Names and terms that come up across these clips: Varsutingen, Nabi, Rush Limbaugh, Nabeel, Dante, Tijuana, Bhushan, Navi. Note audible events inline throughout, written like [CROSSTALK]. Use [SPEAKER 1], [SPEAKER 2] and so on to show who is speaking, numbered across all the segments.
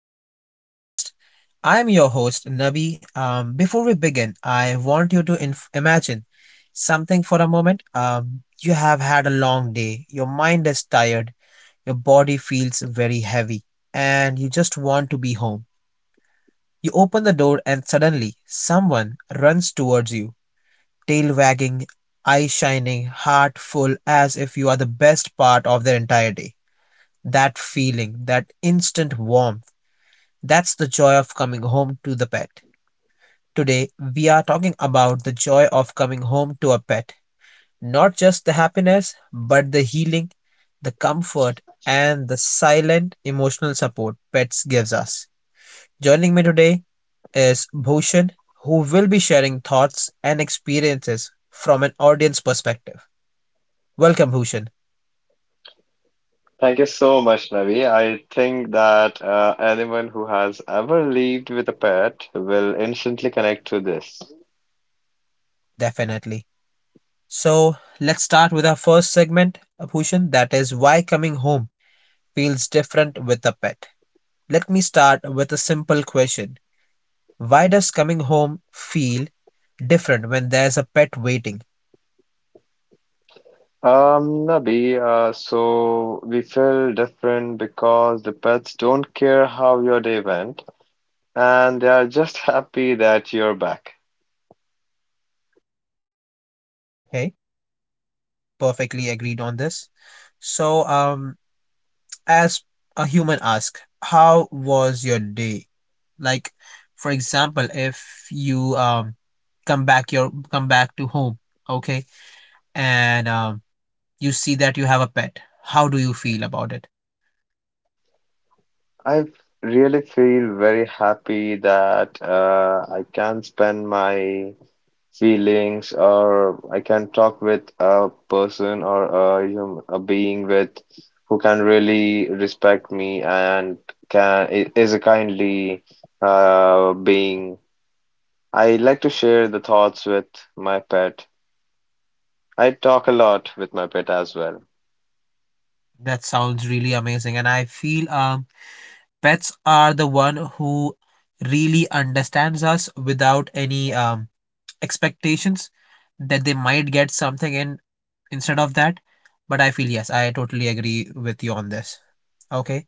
[SPEAKER 1] back to the podcast. I'm your host, Navi. Before we begin, I want you to imagine something for a moment. You have had a long day, your mind is tired, your body feels very heavy, and you just want to be home. You open the door, and suddenly someone runs towards you, tail wagging, eye shining, heart full, as if you are the best part of their entire day. That feeling, that instant warmth, that's the joy of coming home to the pet. Today, we are talking about the joy of coming home to a pet. Not just the happiness, but the healing, the comfort, and the silent emotional support pets gives us. Joining me today is Bhushan, who will be sharing thoughts and experiences from an audience perspective. Welcome, Bhushan.
[SPEAKER 2] Thank you so much, Navi. I think that anyone who has ever lived with a pet will instantly connect to this.
[SPEAKER 1] Definitely. So, let's start with our first segment, Bhushan, that is why coming home feels different with a pet. Let me start with a simple question. Why does coming home feel different when there's a pet waiting?
[SPEAKER 2] Um, Navi, so we feel different because the pets don't care how your day went, and they are just [LAUGHS] happy that you're back.
[SPEAKER 1] Okay, perfectly agreed on this. So, as a human ask, how was your day? Like, for example, if you come back to home, okay, and you see that you have a pet, how do you feel about it?
[SPEAKER 2] I really feel very happy that I can spend my feelings, or I can talk with a person or a being with who can really respect me and is a kindly being. I like to share the thoughts with my pet. I talk a lot with my pet as well.
[SPEAKER 1] That sounds really amazing, and I feel pets are the one who really understands us without any expectations that they might get something in instead of that. But I feel yes, I totally agree with you on this. Okay,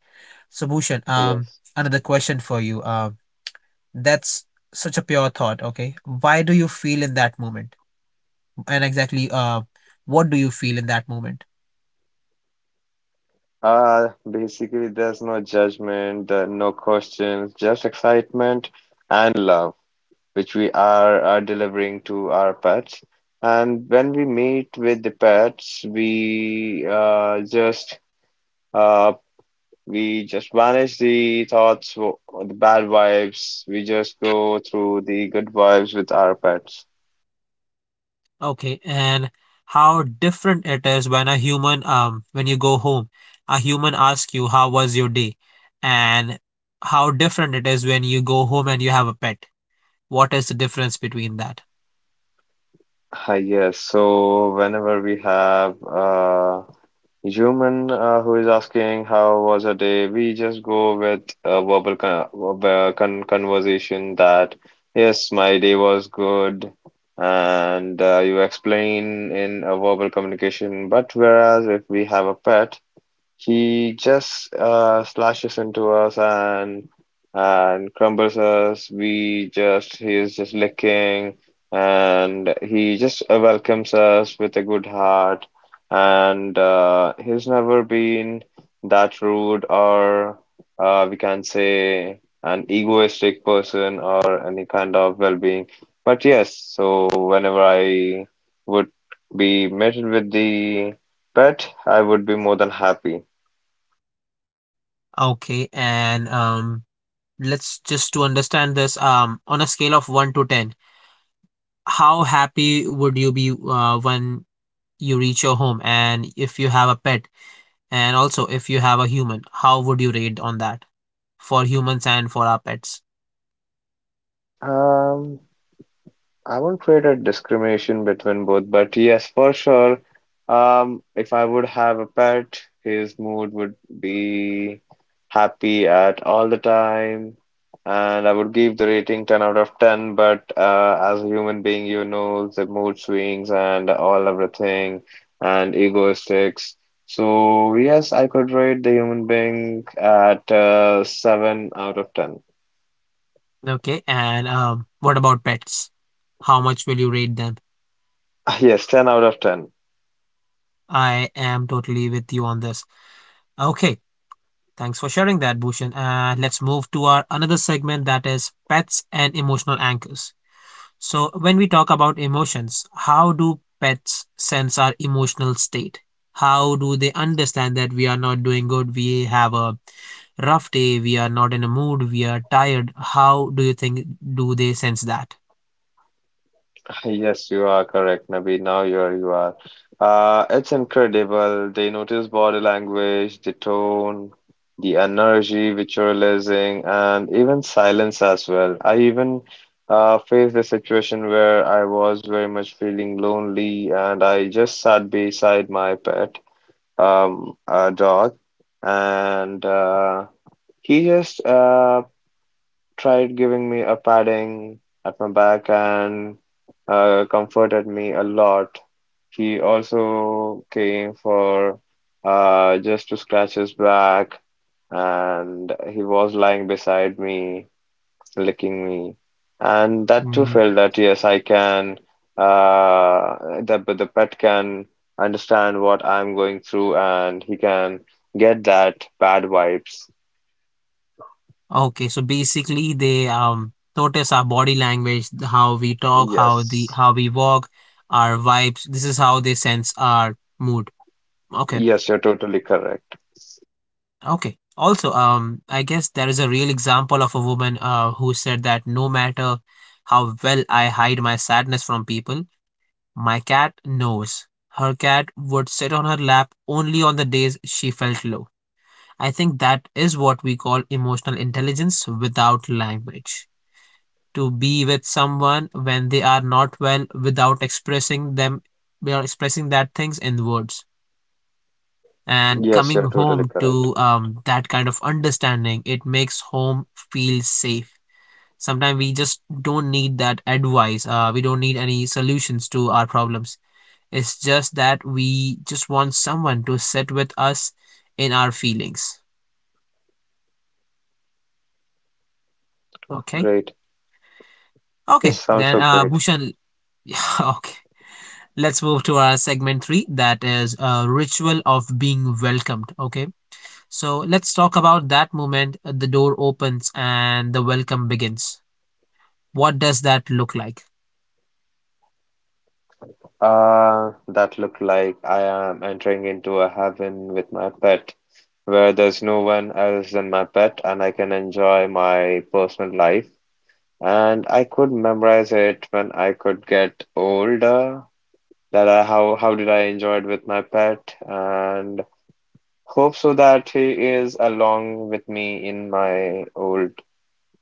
[SPEAKER 1] so Bhushan,
[SPEAKER 2] Yes.
[SPEAKER 1] another question for you. That's such a pure thought, okay? Why do you feel in that moment? And exactly what do you feel in that moment?
[SPEAKER 2] Basically, there's no judgment, there are no questions, just excitement and love. Which we are delivering to our pets. And when we meet with the pets, uh, we just banish the thoughts, the bad vibes. We just go through the good vibes with our pets.
[SPEAKER 1] Okay, and how different it is when a human, when you go home, a human asks you, how was your day? And how different it is when you go home and you have a pet. What is the difference between that?
[SPEAKER 2] Yes, so whenever we have human who is asking how was her day, we just go with a verbal conversation that yes, my day was good, and you explain in a verbal communication. But whereas if we have a pet, he just slashes into us and crumbles us. We just he is just licking, and he just welcomes us with a good heart. And he's never been that rude, or we can say an egoistic person or any kind of well-being. But yes, so whenever I would be met with the pet, I would be more than happy.
[SPEAKER 1] Okay, and let's just to understand this, on a scale of 1 to 10, how happy would you be when you reach your home and if you have a pet, and also if you have a human, how would you rate on that for humans and for our pets?
[SPEAKER 2] Um, I won't create a discrimination between both, but yes, for sure. If I would have a pet, his mood would be happy at all the time, and I would give the rating 10 out of 10. But as a human being, you know the mood swings and all everything, and egoistics. So yes, I could rate the human being at 7 out of 10.
[SPEAKER 1] Okay, and what about pets, how much will you rate them?
[SPEAKER 2] [LAUGHS] Yes, 10 out of 10.
[SPEAKER 1] I am totally with you on this. Okay, thanks for sharing that, Bhushan, and let's move to our another segment that is pets and emotional anchors. So, when we talk about emotions, how do pets sense our emotional state? How do they understand that we are not doing good? We have a rough day, we are not in a mood, we are tired. How do you think, do they sense that?
[SPEAKER 2] Yes, you are correct, Nabi. Now you are. It's incredible. They notice body language, the tone, the energy which you're releasing, and even silence as well. I even faced a situation where I was very much feeling lonely, and I just sat beside my pet, a dog, and he just tried giving me a padding at my back, and comforted me a lot. He also came for just to scratch his back, and he was lying beside me, licking me, and that too
[SPEAKER 1] Mm.
[SPEAKER 2] felt that yes, I can, that but the pet can understand what I'm going through, and he can get that bad vibes.
[SPEAKER 1] Okay, so basically they notice our body language, how we talk,
[SPEAKER 2] Yes,
[SPEAKER 1] how we walk, our vibes. This is how they sense our mood. Okay.
[SPEAKER 2] yes, you're totally correct.
[SPEAKER 1] Okay. Also, I guess there is a real example of a woman who said that no matter how well I hide my sadness from people, my cat knows. Her cat would sit on her lap only on the days she felt low. I think that is what we call emotional intelligence without language. To be with someone when they are not well without expressing them, we are expressing that things in words, and
[SPEAKER 2] Yes,
[SPEAKER 1] coming
[SPEAKER 2] you're totally
[SPEAKER 1] home
[SPEAKER 2] correct.
[SPEAKER 1] to that kind of understanding, it makes home feel safe. Sometimes we just don't need that advice, we don't need any solutions to our problems, it's just that we just want someone to sit with us in our feelings.
[SPEAKER 2] Oh,
[SPEAKER 1] Okay.
[SPEAKER 2] great.
[SPEAKER 1] Okay,
[SPEAKER 2] Yes, sounds
[SPEAKER 1] then,
[SPEAKER 2] so great.
[SPEAKER 1] Bhushan, [LAUGHS] yeah. Okay, let's move to our segment 3 that is a ritual of being welcomed, okay? So let's talk about that moment, the door opens and the welcome begins, what does that look like?
[SPEAKER 2] That looked like I am entering into a heaven with my pet, where there's no one else than my pet, and I can enjoy my personal life. And I could memorize it when I could get older. How did I enjoy it with my pet, and hope so that he is along with me in my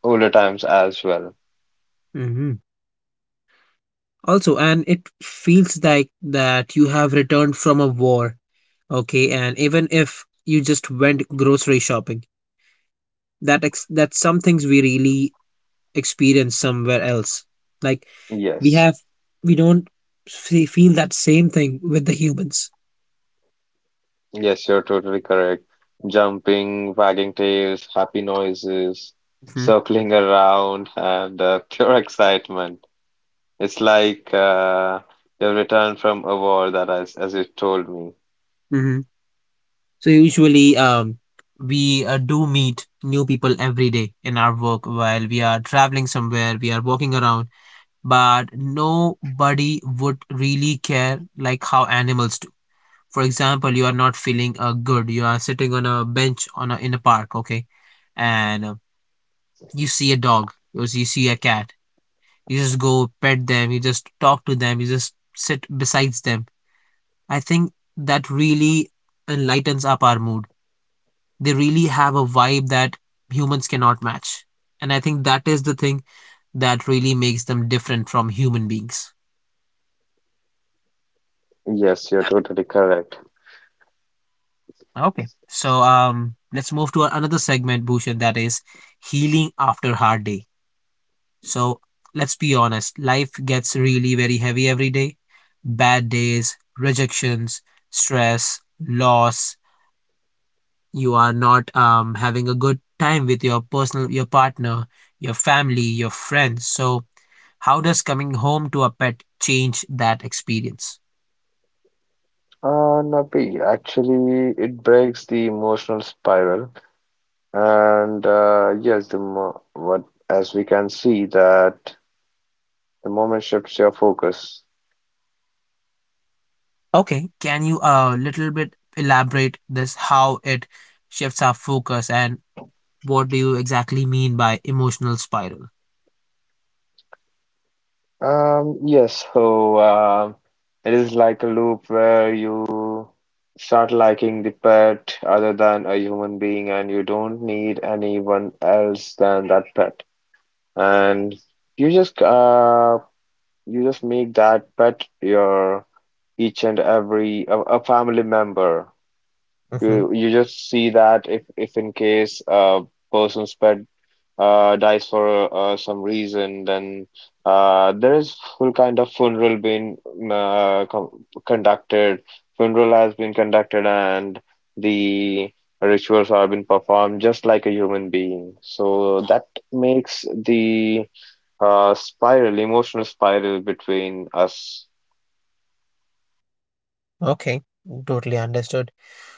[SPEAKER 2] older times as well.
[SPEAKER 1] Hmm. Also, and it feels like that you have returned from a war, okay? And even if you just went grocery shopping, that's some things we really experience somewhere else. Like, we
[SPEAKER 2] Yes.
[SPEAKER 1] have, we don't feel that same thing with the humans.
[SPEAKER 2] Yes, you're totally correct. Jumping, wagging tails, happy noises,
[SPEAKER 1] Hmm.
[SPEAKER 2] circling around, and [LAUGHS] pure excitement. It's like you've returned from a war that, as you told me.
[SPEAKER 1] Hmm. So usually, we do meet new people every day in our work, while we are traveling somewhere, we are walking around, but nobody would really care like how animals do. For example, you are not feeling good. You are sitting on a bench in a park, okay, and you see a dog, you see a cat. You just go pet them. You just talk to them. You just sit besides them. I think that really enlightens up our mood. They really have a vibe that humans cannot match, and I think that is the thing that really makes them different from human beings.
[SPEAKER 2] Yes, you're totally correct.
[SPEAKER 1] Okay. So let's move to another segment, Bhushan, that is healing after hard day. So let's be honest, life gets really very heavy every day. Bad days, rejections, stress, loss. You are not having a good time with your partner, your family, your friends. So how does coming home to a pet change that experience?
[SPEAKER 2] Nabi, actually, it breaks the emotional spiral, and yes, the mo what as we can see that the moment shifts your focus.
[SPEAKER 1] Okay, can you a little bit elaborate this, how it shifts our focus, and what do you exactly mean by emotional spiral?
[SPEAKER 2] Yes, so it is like a loop where you start liking the pet other than a human being, and you don't need anyone else than that pet. And you just uh you just make that pet your each and every a family member.
[SPEAKER 1] Mm-hmm.
[SPEAKER 2] You just see that if in case a person's pet dies for some reason, then there is full kind of funeral being mm, com conducted. Funeral has been conducted, and the rituals are been performed just like a human being. So that makes the emotional spiral between us.
[SPEAKER 1] Okay, totally understood.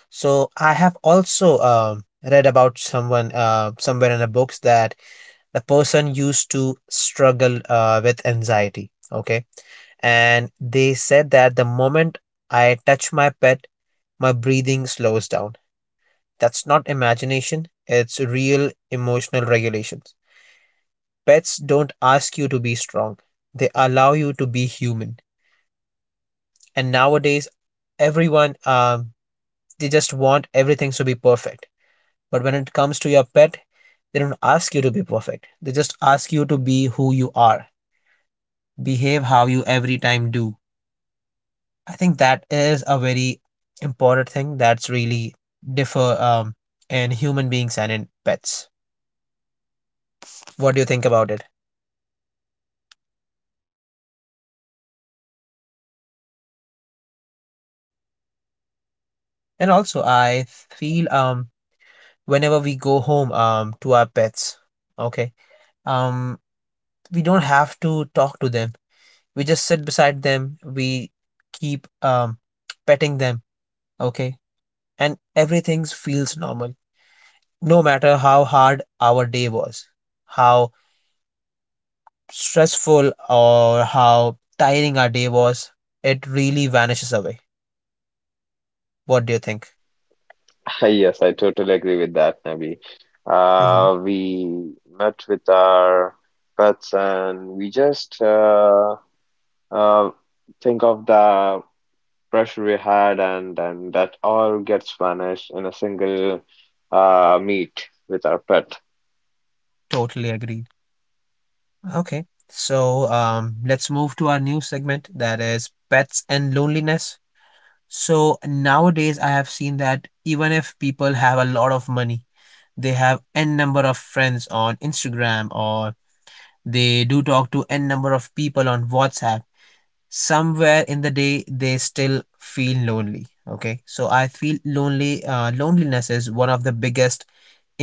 [SPEAKER 1] So I have also read about someone somewhere in the books that the person used to struggle with anxiety. Okay, and they said that the moment I touch my pet, my breathing slows down. That's not imagination, it's real emotional regulations. Pets don't ask you to be strong, they allow you to be human. And nowadays everyone they just want everything to be perfect, but when it comes to your pet, they don't ask you to be perfect, they just ask you to be who you are, behave how you every time do. I think that is a very important thing that's really differ in human beings and in pets. What do you think about it? And also I feel whenever we go home to our pets, okay, um we don't have to talk to them, we just sit beside them, we keep petting them, okay, and everything feels normal, no matter how hard our day was, how stressful or how tiring our day was, it really vanishes away. What do you think?
[SPEAKER 2] [LAUGHS] Yes, I totally agree with that, Nabi.
[SPEAKER 1] Mm-hmm.
[SPEAKER 2] We met with our pets, and we just Uh, think of the pressure we had, and that all gets vanished in a single meet with our pet.
[SPEAKER 1] Totally agreed. Okay, so let's move to our new segment that is pets and loneliness. So nowadays, I have seen that even if people have a lot of money, they have n number of friends on Instagram, or they do talk to n number of people on WhatsApp, somewhere in the day they still feel lonely. Okay, so I feel lonely, loneliness is one of the biggest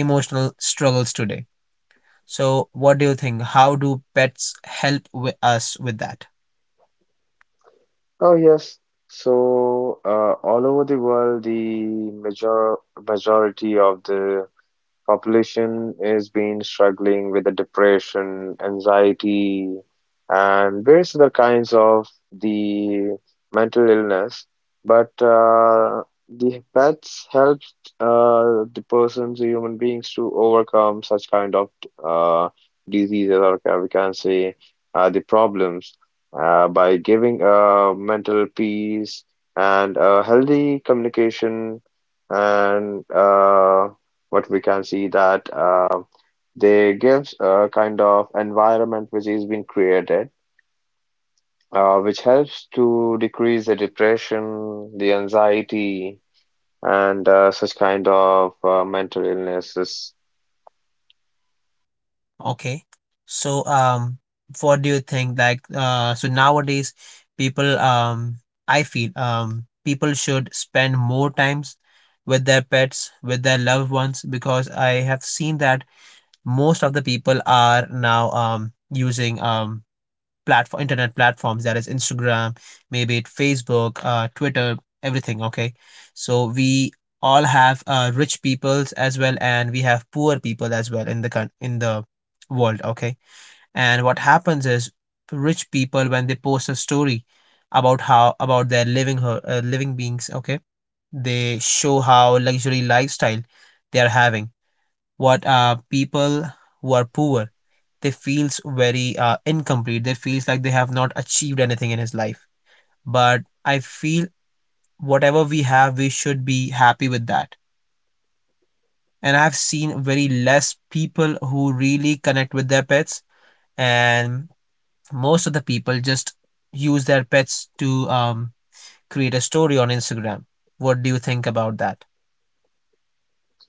[SPEAKER 1] emotional struggles today. So, what do you think? How do pets help with us with that?
[SPEAKER 2] Oh yes. So all over the world, the majority of the population is been struggling with the depression, anxiety, and various other kinds of the mental illness. But the pets help the persons, the human beings, to overcome such kind of uh, diseases, or we can say the problems, by giving mental peace and healthy communication and but we can see that they gives a kind of environment which is being created, which helps to decrease the depression, the anxiety, and such kind of mental illnesses.
[SPEAKER 1] Okay. So, what do you think? Like, so nowadays, people, I feel, people should spend more times with their pets, with their loved ones, because I have seen that most of the people are now, using, platform internet platforms, that is Instagram, maybe it Facebook, Twitter, everything, okay. So we all have rich peoples as well, and we have poor people as well in the in the world, okay. And what happens is rich people, when they post a story about how about their living beings, okay, they show how luxury lifestyle they are having. What people who are poor, they feels very incomplete, they feels like they have not achieved anything in his life. But I feel whatever we have we should be happy with that, and I've seen very less people who really connect with their pets, and most of the people just use their pets to create a story on Instagram. What do you think about that?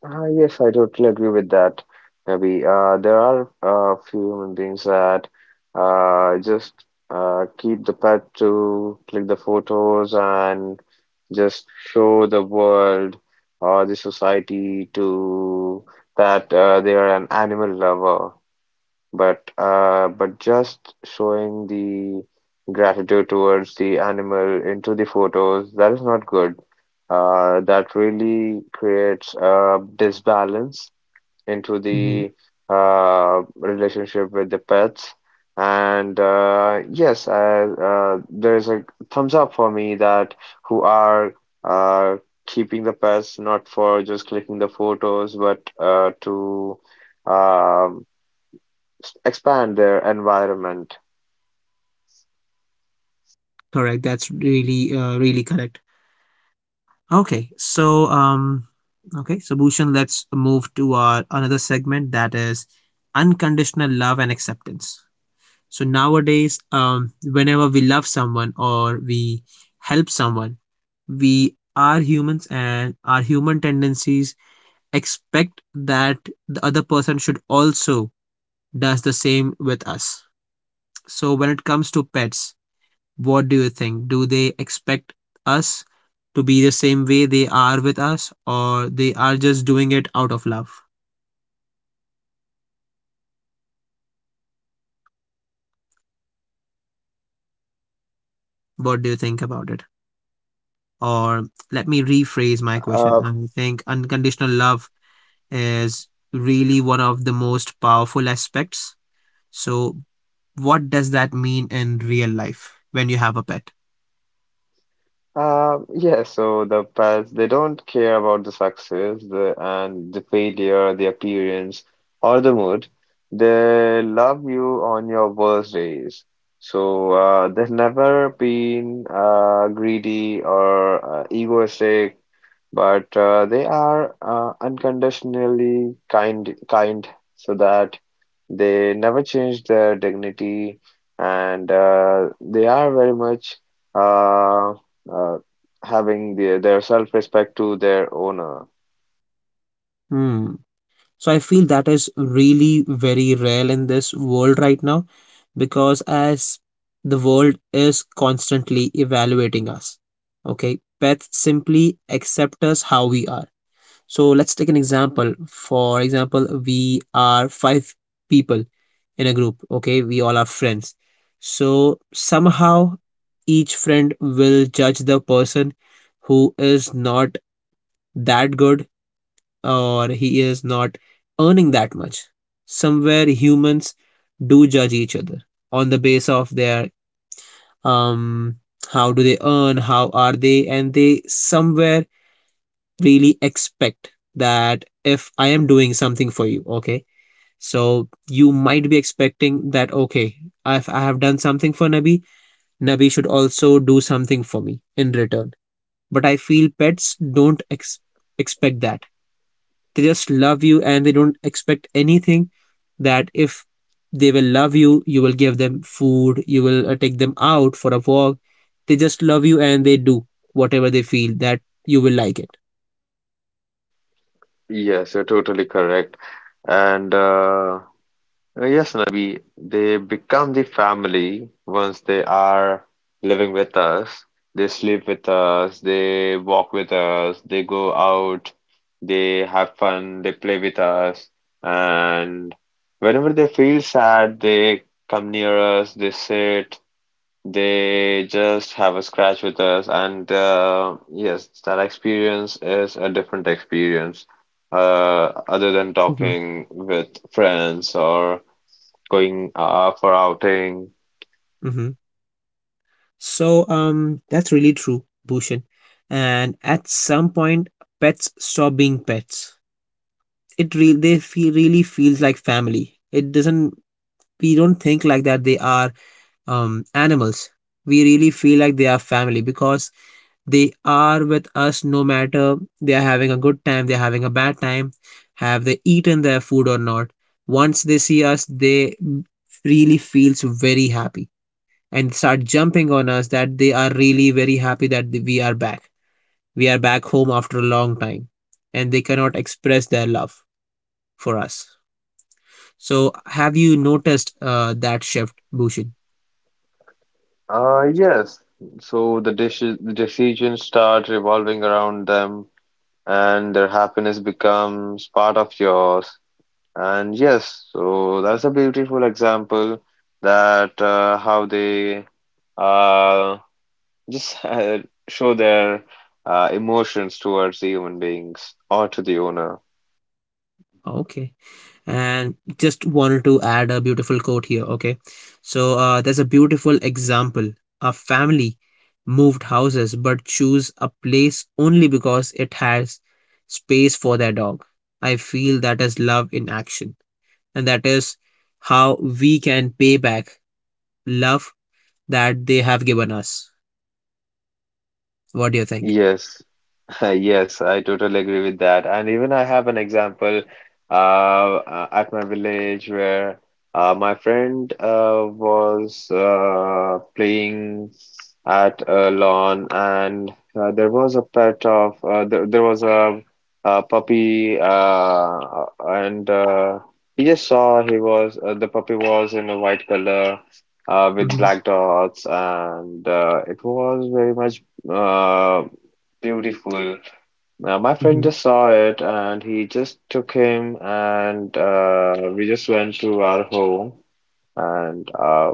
[SPEAKER 2] Yes, I totally agree with that. Maybe there are a few human beings that just keep the pet to click the photos and just show the world or the society to that they are an animal lover, but just showing the gratitude towards the animal into the photos, that is not good. That really creates a disbalance into
[SPEAKER 1] Mm-hmm.
[SPEAKER 2] the relationship with the pets. And yes, there is a thumbs up for me that who are uh, keeping the pets not for just clicking the photos, but to um expand their environment.
[SPEAKER 1] Correct. That's really, really correct. Okay, so okay, so Bhushan, let's move to our another segment that is unconditional love and acceptance. So nowadays, whenever we love someone or we help someone, we are humans and our human tendencies expect that the other person should also does the same with us. So when it comes to pets, what do you think? Do they expect us to be the same way they are with us, or they are just doing it out of love? What do you think about it? Or let me rephrase my question.
[SPEAKER 2] Uh,
[SPEAKER 1] I think unconditional love is really one of the most powerful aspects. So, what does that mean in real life when you have a pet?
[SPEAKER 2] yeah, so the past, they don't care about the success, the failure, the appearance, or the mood. They love you on your worst days. So they've never been greedy or egoistic, but they are unconditionally kind, so that they never change their dignity, and they are very much. Uh, uh, having their self-respect to their owner.
[SPEAKER 1] Hmm. So I feel that is really very rare in this world right now, because as the world is constantly evaluating us. Okay, pets simply accept us how we are. So let's take an example. For example, we are five people in a group. Okay, we all are friends. So somehow each friend will judge the person who is not that good or he is not earning that much. Somewhere humans do judge each other on the base of their um how do they earn, how are they, and they somewhere really expect that if I am doing something for you, okay. So you might be expecting that okay, if I have done something for Nabi, Nabi should also do something for me in return. But I feel pets don't expect that. They just love you and they don't expect anything. That if they will love you, you will give them food, you will take them out for a walk. They just love you and they do whatever they feel that you will like it.
[SPEAKER 2] Yes, you're totally correct. And yes, Nabi, they become the family once they are living with us. They sleep with us, they walk with us, they go out, they have fun, they play with us. And whenever they feel sad, they come near us, they sit. They just have a scratch with us, and yes, that experience is a different experience, other than
[SPEAKER 1] Hmm.
[SPEAKER 2] talking with friends or going for outing.
[SPEAKER 1] Hmm. So, that's really true, bhushan, and at some point pets stop being pets. It real they feel Really feels like family. It doesn't We don't think like that they are animals. We really feel like they are family because they are with us no matter they are having a good time, they're having a bad time, have they eaten their food or not. Once they see us, they really feels very happy and start jumping on us that they are really very happy that we are back. We are back home after a long time and they cannot express their love for us. So have you noticed that shift, Bhushan?
[SPEAKER 2] Yes, so the decisions start revolving around them, and their happiness becomes part of yours. And yes, so that's a beautiful example that how they. Uh, Just [LAUGHS] show their emotions towards the human beings or to the owner.
[SPEAKER 1] Okay. And just wanted to add a beautiful quote here, okay. So, there's a beautiful example: a family moved houses but choose a place only because it has space for their dog. I feel that is love in action, and that is how we can pay back love that they have given us. What do you think?
[SPEAKER 2] Yes. [LAUGHS] Yes, I totally agree with that. And even I have an example at my village where my friend was playing at a lawn, and there was a pet of there was a puppy, and he just saw he was the puppy was in a white color with
[SPEAKER 1] Mm-hmm.
[SPEAKER 2] black dots, and it was very much uh, beautiful. Now, my friend
[SPEAKER 1] Mm-hmm.
[SPEAKER 2] just saw it and he just took him, and we just went to our home, and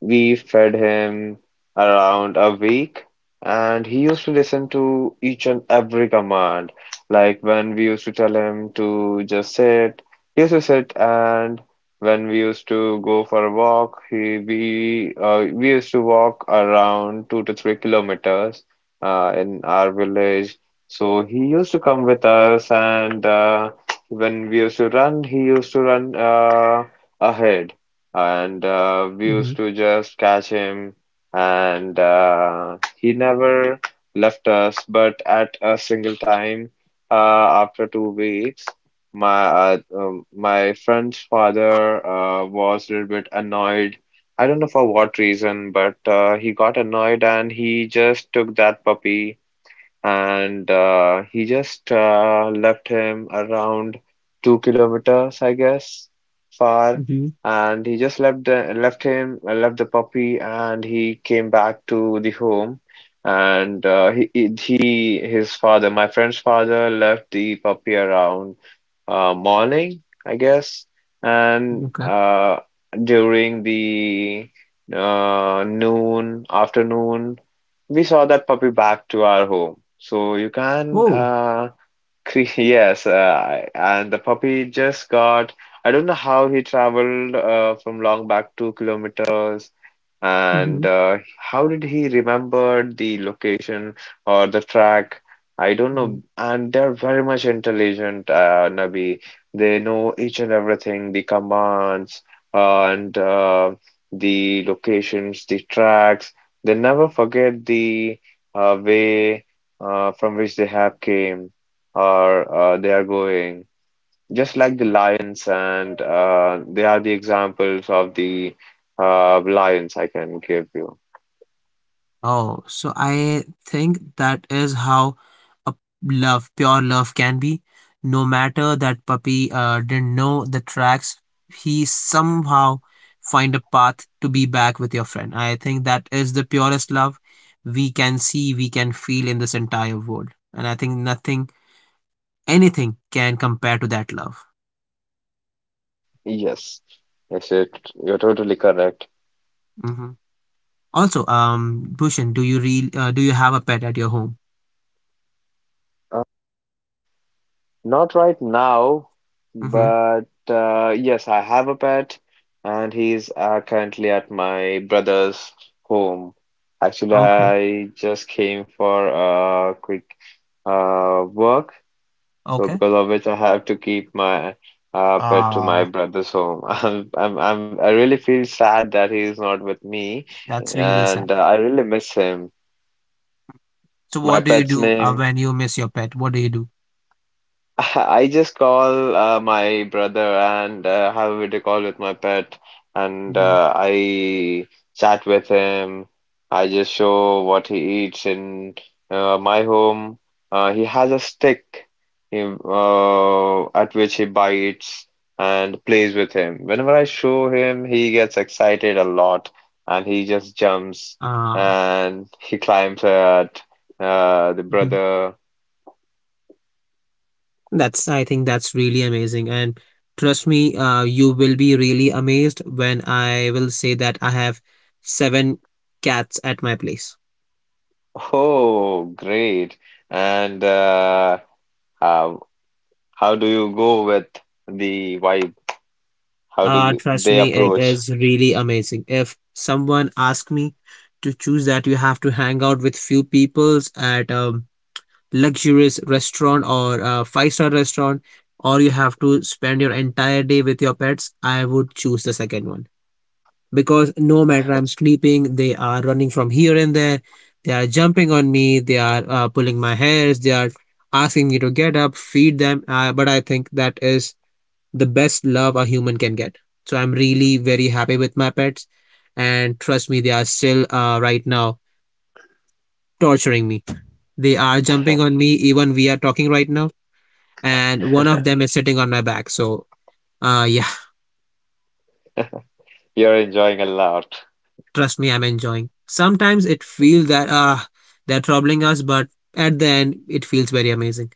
[SPEAKER 2] we fed him around a week, and he used to listen to each and every command. Like when we used to tell him to just sit, he used to sit, and when we used to go for a walk, he we used to walk around 2 to 3 kilometers in our village. So he used to come with us, and when we used to run, he used to run ahead, and we
[SPEAKER 1] Mm-hmm.
[SPEAKER 2] used to just catch him, and he never left us. But at a single time after 2 weeks, my friend's father was a little bit annoyed. I don't know for what reason, but he got annoyed, and he just took that puppy, and he just left him around 2 kilometers, I guess, far.
[SPEAKER 1] Mm-hmm.
[SPEAKER 2] And he just left the puppy, and he came back to the home. And his father, my friend's father, left the puppy around morning, I guess. And
[SPEAKER 1] Okay.
[SPEAKER 2] during the afternoon, we saw that puppy back to our home.
[SPEAKER 1] Oh.
[SPEAKER 2] [LAUGHS] Yes, and the puppy just got, I don't know how he traveled from Long back 2 kilometers, and
[SPEAKER 1] Mm-hmm.
[SPEAKER 2] how did he remember the location or the track? I don't
[SPEAKER 1] Mm-hmm.
[SPEAKER 2] know. And they're very much intelligent, Nabi. They know each and everything, the commands, and the locations, the tracks. They never forget the way from which they have came or they are going, just like the lions, and they are the examples of the lions I can give you.
[SPEAKER 1] Oh, so I think that is how a love, pure love can be. No matter that puppy didn't know the tracks, he somehow find a path to be back with your friend. I think that is the purest love we can see, we can feel in this entire world. And I think nothing, anything can compare to that love.
[SPEAKER 2] Yes, yes, you're totally correct.
[SPEAKER 1] Hmm. Also, Bhushan, do you have a pet at your home?
[SPEAKER 2] Uh, Not right now,
[SPEAKER 1] Mm-hmm.
[SPEAKER 2] but yes, I have a pet, and he's currently at my brother's home. Actually,
[SPEAKER 1] Okay.
[SPEAKER 2] I just came for a quick work, so
[SPEAKER 1] Okay.
[SPEAKER 2] because of which I have to keep my pet to my
[SPEAKER 1] Ah,
[SPEAKER 2] brother's home. [LAUGHS] I really feel sad that he is not with me,
[SPEAKER 1] that's really sad.
[SPEAKER 2] and I really miss him.
[SPEAKER 1] So
[SPEAKER 2] My
[SPEAKER 1] what do you
[SPEAKER 2] pet's
[SPEAKER 1] do
[SPEAKER 2] name.
[SPEAKER 1] when you miss your pet? What do you do?
[SPEAKER 2] [LAUGHS] I just call my brother and have a video call with my pet, and
[SPEAKER 1] Hmm.
[SPEAKER 2] I chat with him. I just show what he eats in my home. He has a stick at which he bites and plays with him. Whenever I show him, he gets excited a lot, and he just jumps
[SPEAKER 1] Uh,
[SPEAKER 2] and he climbs at the
[SPEAKER 1] Mhm.
[SPEAKER 2] brother.
[SPEAKER 1] That's, I think that's really amazing. And trust me, you will be really amazed when I will say that I have seven cats at my place.
[SPEAKER 2] Oh, great. And how how do you go with the vibe? How do
[SPEAKER 1] Uh,
[SPEAKER 2] you-
[SPEAKER 1] trust
[SPEAKER 2] they
[SPEAKER 1] me, it
[SPEAKER 2] approach?
[SPEAKER 1] is really amazing. If someone asks me to choose that, you have to hang out with few peoples at luxurious restaurant or a five-star restaurant or you have to spend your entire day with your pets, I would choose the second one. Because no matter I'm sleeping, they are running from here and there, they are jumping on me, they are pulling my hairs, they are asking me to get up, feed them. But I think that is the best love a human can get. So I'm really very happy with my pets. And trust me, they are still right now torturing me. They are jumping on me, even we are talking right now. And one of them is sitting on my back. So, yeah,
[SPEAKER 2] [LAUGHS] You're enjoying a lot.
[SPEAKER 1] trust me, I'm enjoying. Sometimes it feels that they're troubling us, but at the end, it feels very amazing.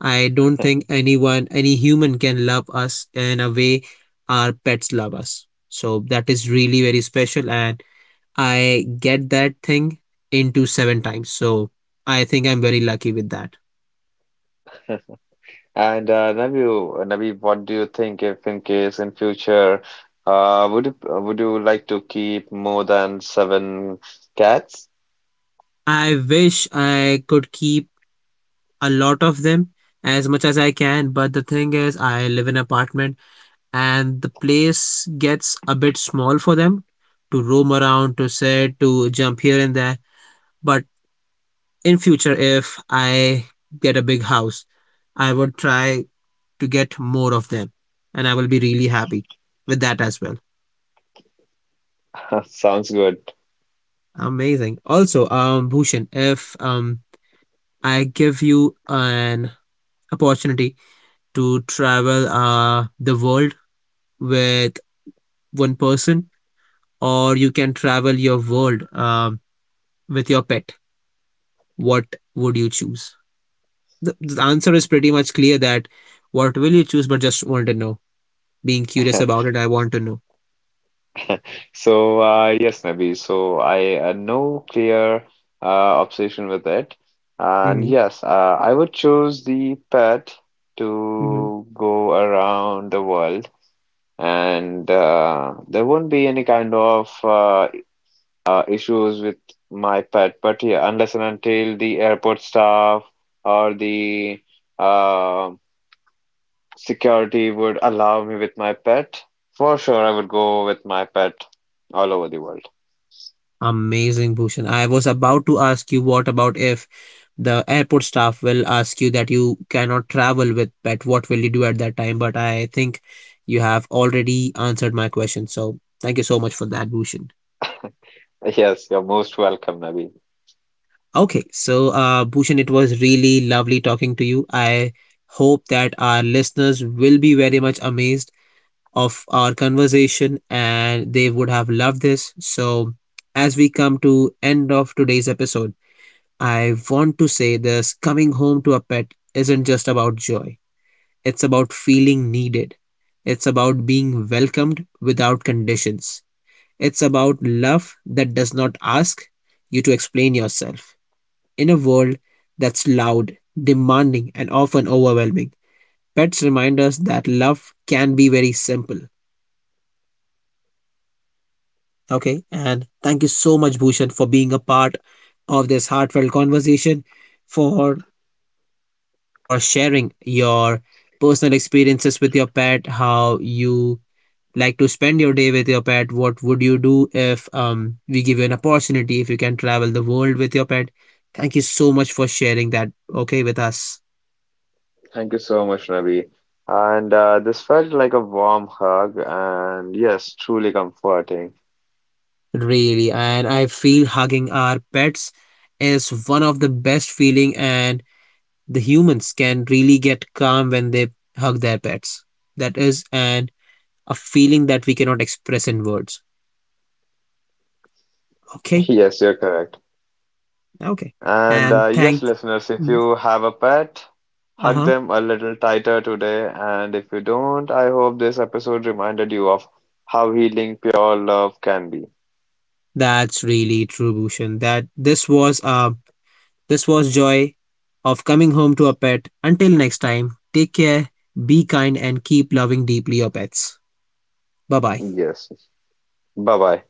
[SPEAKER 1] I don't think anyone, any human, can love us in a way our pets love us. So that is really very special, and I get that thing into seven times. So I think I'm very lucky with that.
[SPEAKER 2] And Nabeel, what do you think if in case in future, uh, would you would you like to keep more than seven cats?
[SPEAKER 1] I wish I could keep a lot of them as much as I can, but the thing is, I live in an apartment and the place gets a bit small for them to roam around, to sit, to jump here and there. But in future, if I get a big house, I would try to get more of them, and I will be really happy with that as well.
[SPEAKER 2] [LAUGHS] Sounds good.
[SPEAKER 1] Amazing. Also, Bhushan, if I give you an opportunity to travel the world with one person, or you can travel your world, with your pet, what would you choose? The answer is pretty much clear that what will you choose, but just want to know. Being curious
[SPEAKER 2] [LAUGHS]
[SPEAKER 1] about it, I want to know.
[SPEAKER 2] So, yes, Nabi. So, I no clear obsession with it. And
[SPEAKER 1] Hmm.
[SPEAKER 2] yes, I would choose the pet
[SPEAKER 1] Hmm.
[SPEAKER 2] to go around the world, and there won't be any kind of issues with my pet. But yeah, unless and until the airport staff or the uh, security would allow me with my pet, for sure I would go with my pet all over the world.
[SPEAKER 1] Amazing, Bhushan. I was about to ask you what about if the airport staff will ask you that you cannot travel with pet, what will you do at that time? But I think you have already answered my question. So thank you so much for that, Bhushan.
[SPEAKER 2] Yes, you're most welcome, Nabi.
[SPEAKER 1] Okay, so Bhushan, it was really lovely talking to you. I hope that our listeners will be very much amazed of our conversation and they would have loved this. So, as we come to end of today's episode, I want to say this coming home to a pet isn't just about joy. It's about feeling needed. It's about being welcomed without conditions. It's about love that does not ask you to explain yourself. In a world that's loud, demanding, and often overwhelming, pets remind us that love can be very simple. Okay, and thank you so much, Bhushan, for being a part of this heartfelt conversation, for for sharing your personal experiences with your pet, how you like to spend your day with your pet, what would you do if we give you an opportunity if you can travel the world with your pet. Thank you so much for sharing that okay with us.
[SPEAKER 2] Thank you so much, Nabi. And this felt like a warm hug, and yes, truly comforting.
[SPEAKER 1] Really, and I feel hugging our pets is one of the best feeling and the humans can really get calm when they hug their pets. That is and a feeling that we cannot express in words.
[SPEAKER 2] [LAUGHS]
[SPEAKER 1] Okay,
[SPEAKER 2] Yes, you're correct.
[SPEAKER 1] okay.
[SPEAKER 2] And
[SPEAKER 1] And
[SPEAKER 2] yes,
[SPEAKER 1] thank
[SPEAKER 2] listeners, if
[SPEAKER 1] Mm,
[SPEAKER 2] you have a pet, hug
[SPEAKER 1] uh-huh.
[SPEAKER 2] them a little tighter today. And if you don't, I hope this episode reminded you of how healing pure love can be.
[SPEAKER 1] That's really true, Bhushan. That this was joy of coming home to a pet. Until next time, take care, be kind and keep loving deeply your pets. Bye bye.
[SPEAKER 2] Yes. Bye bye.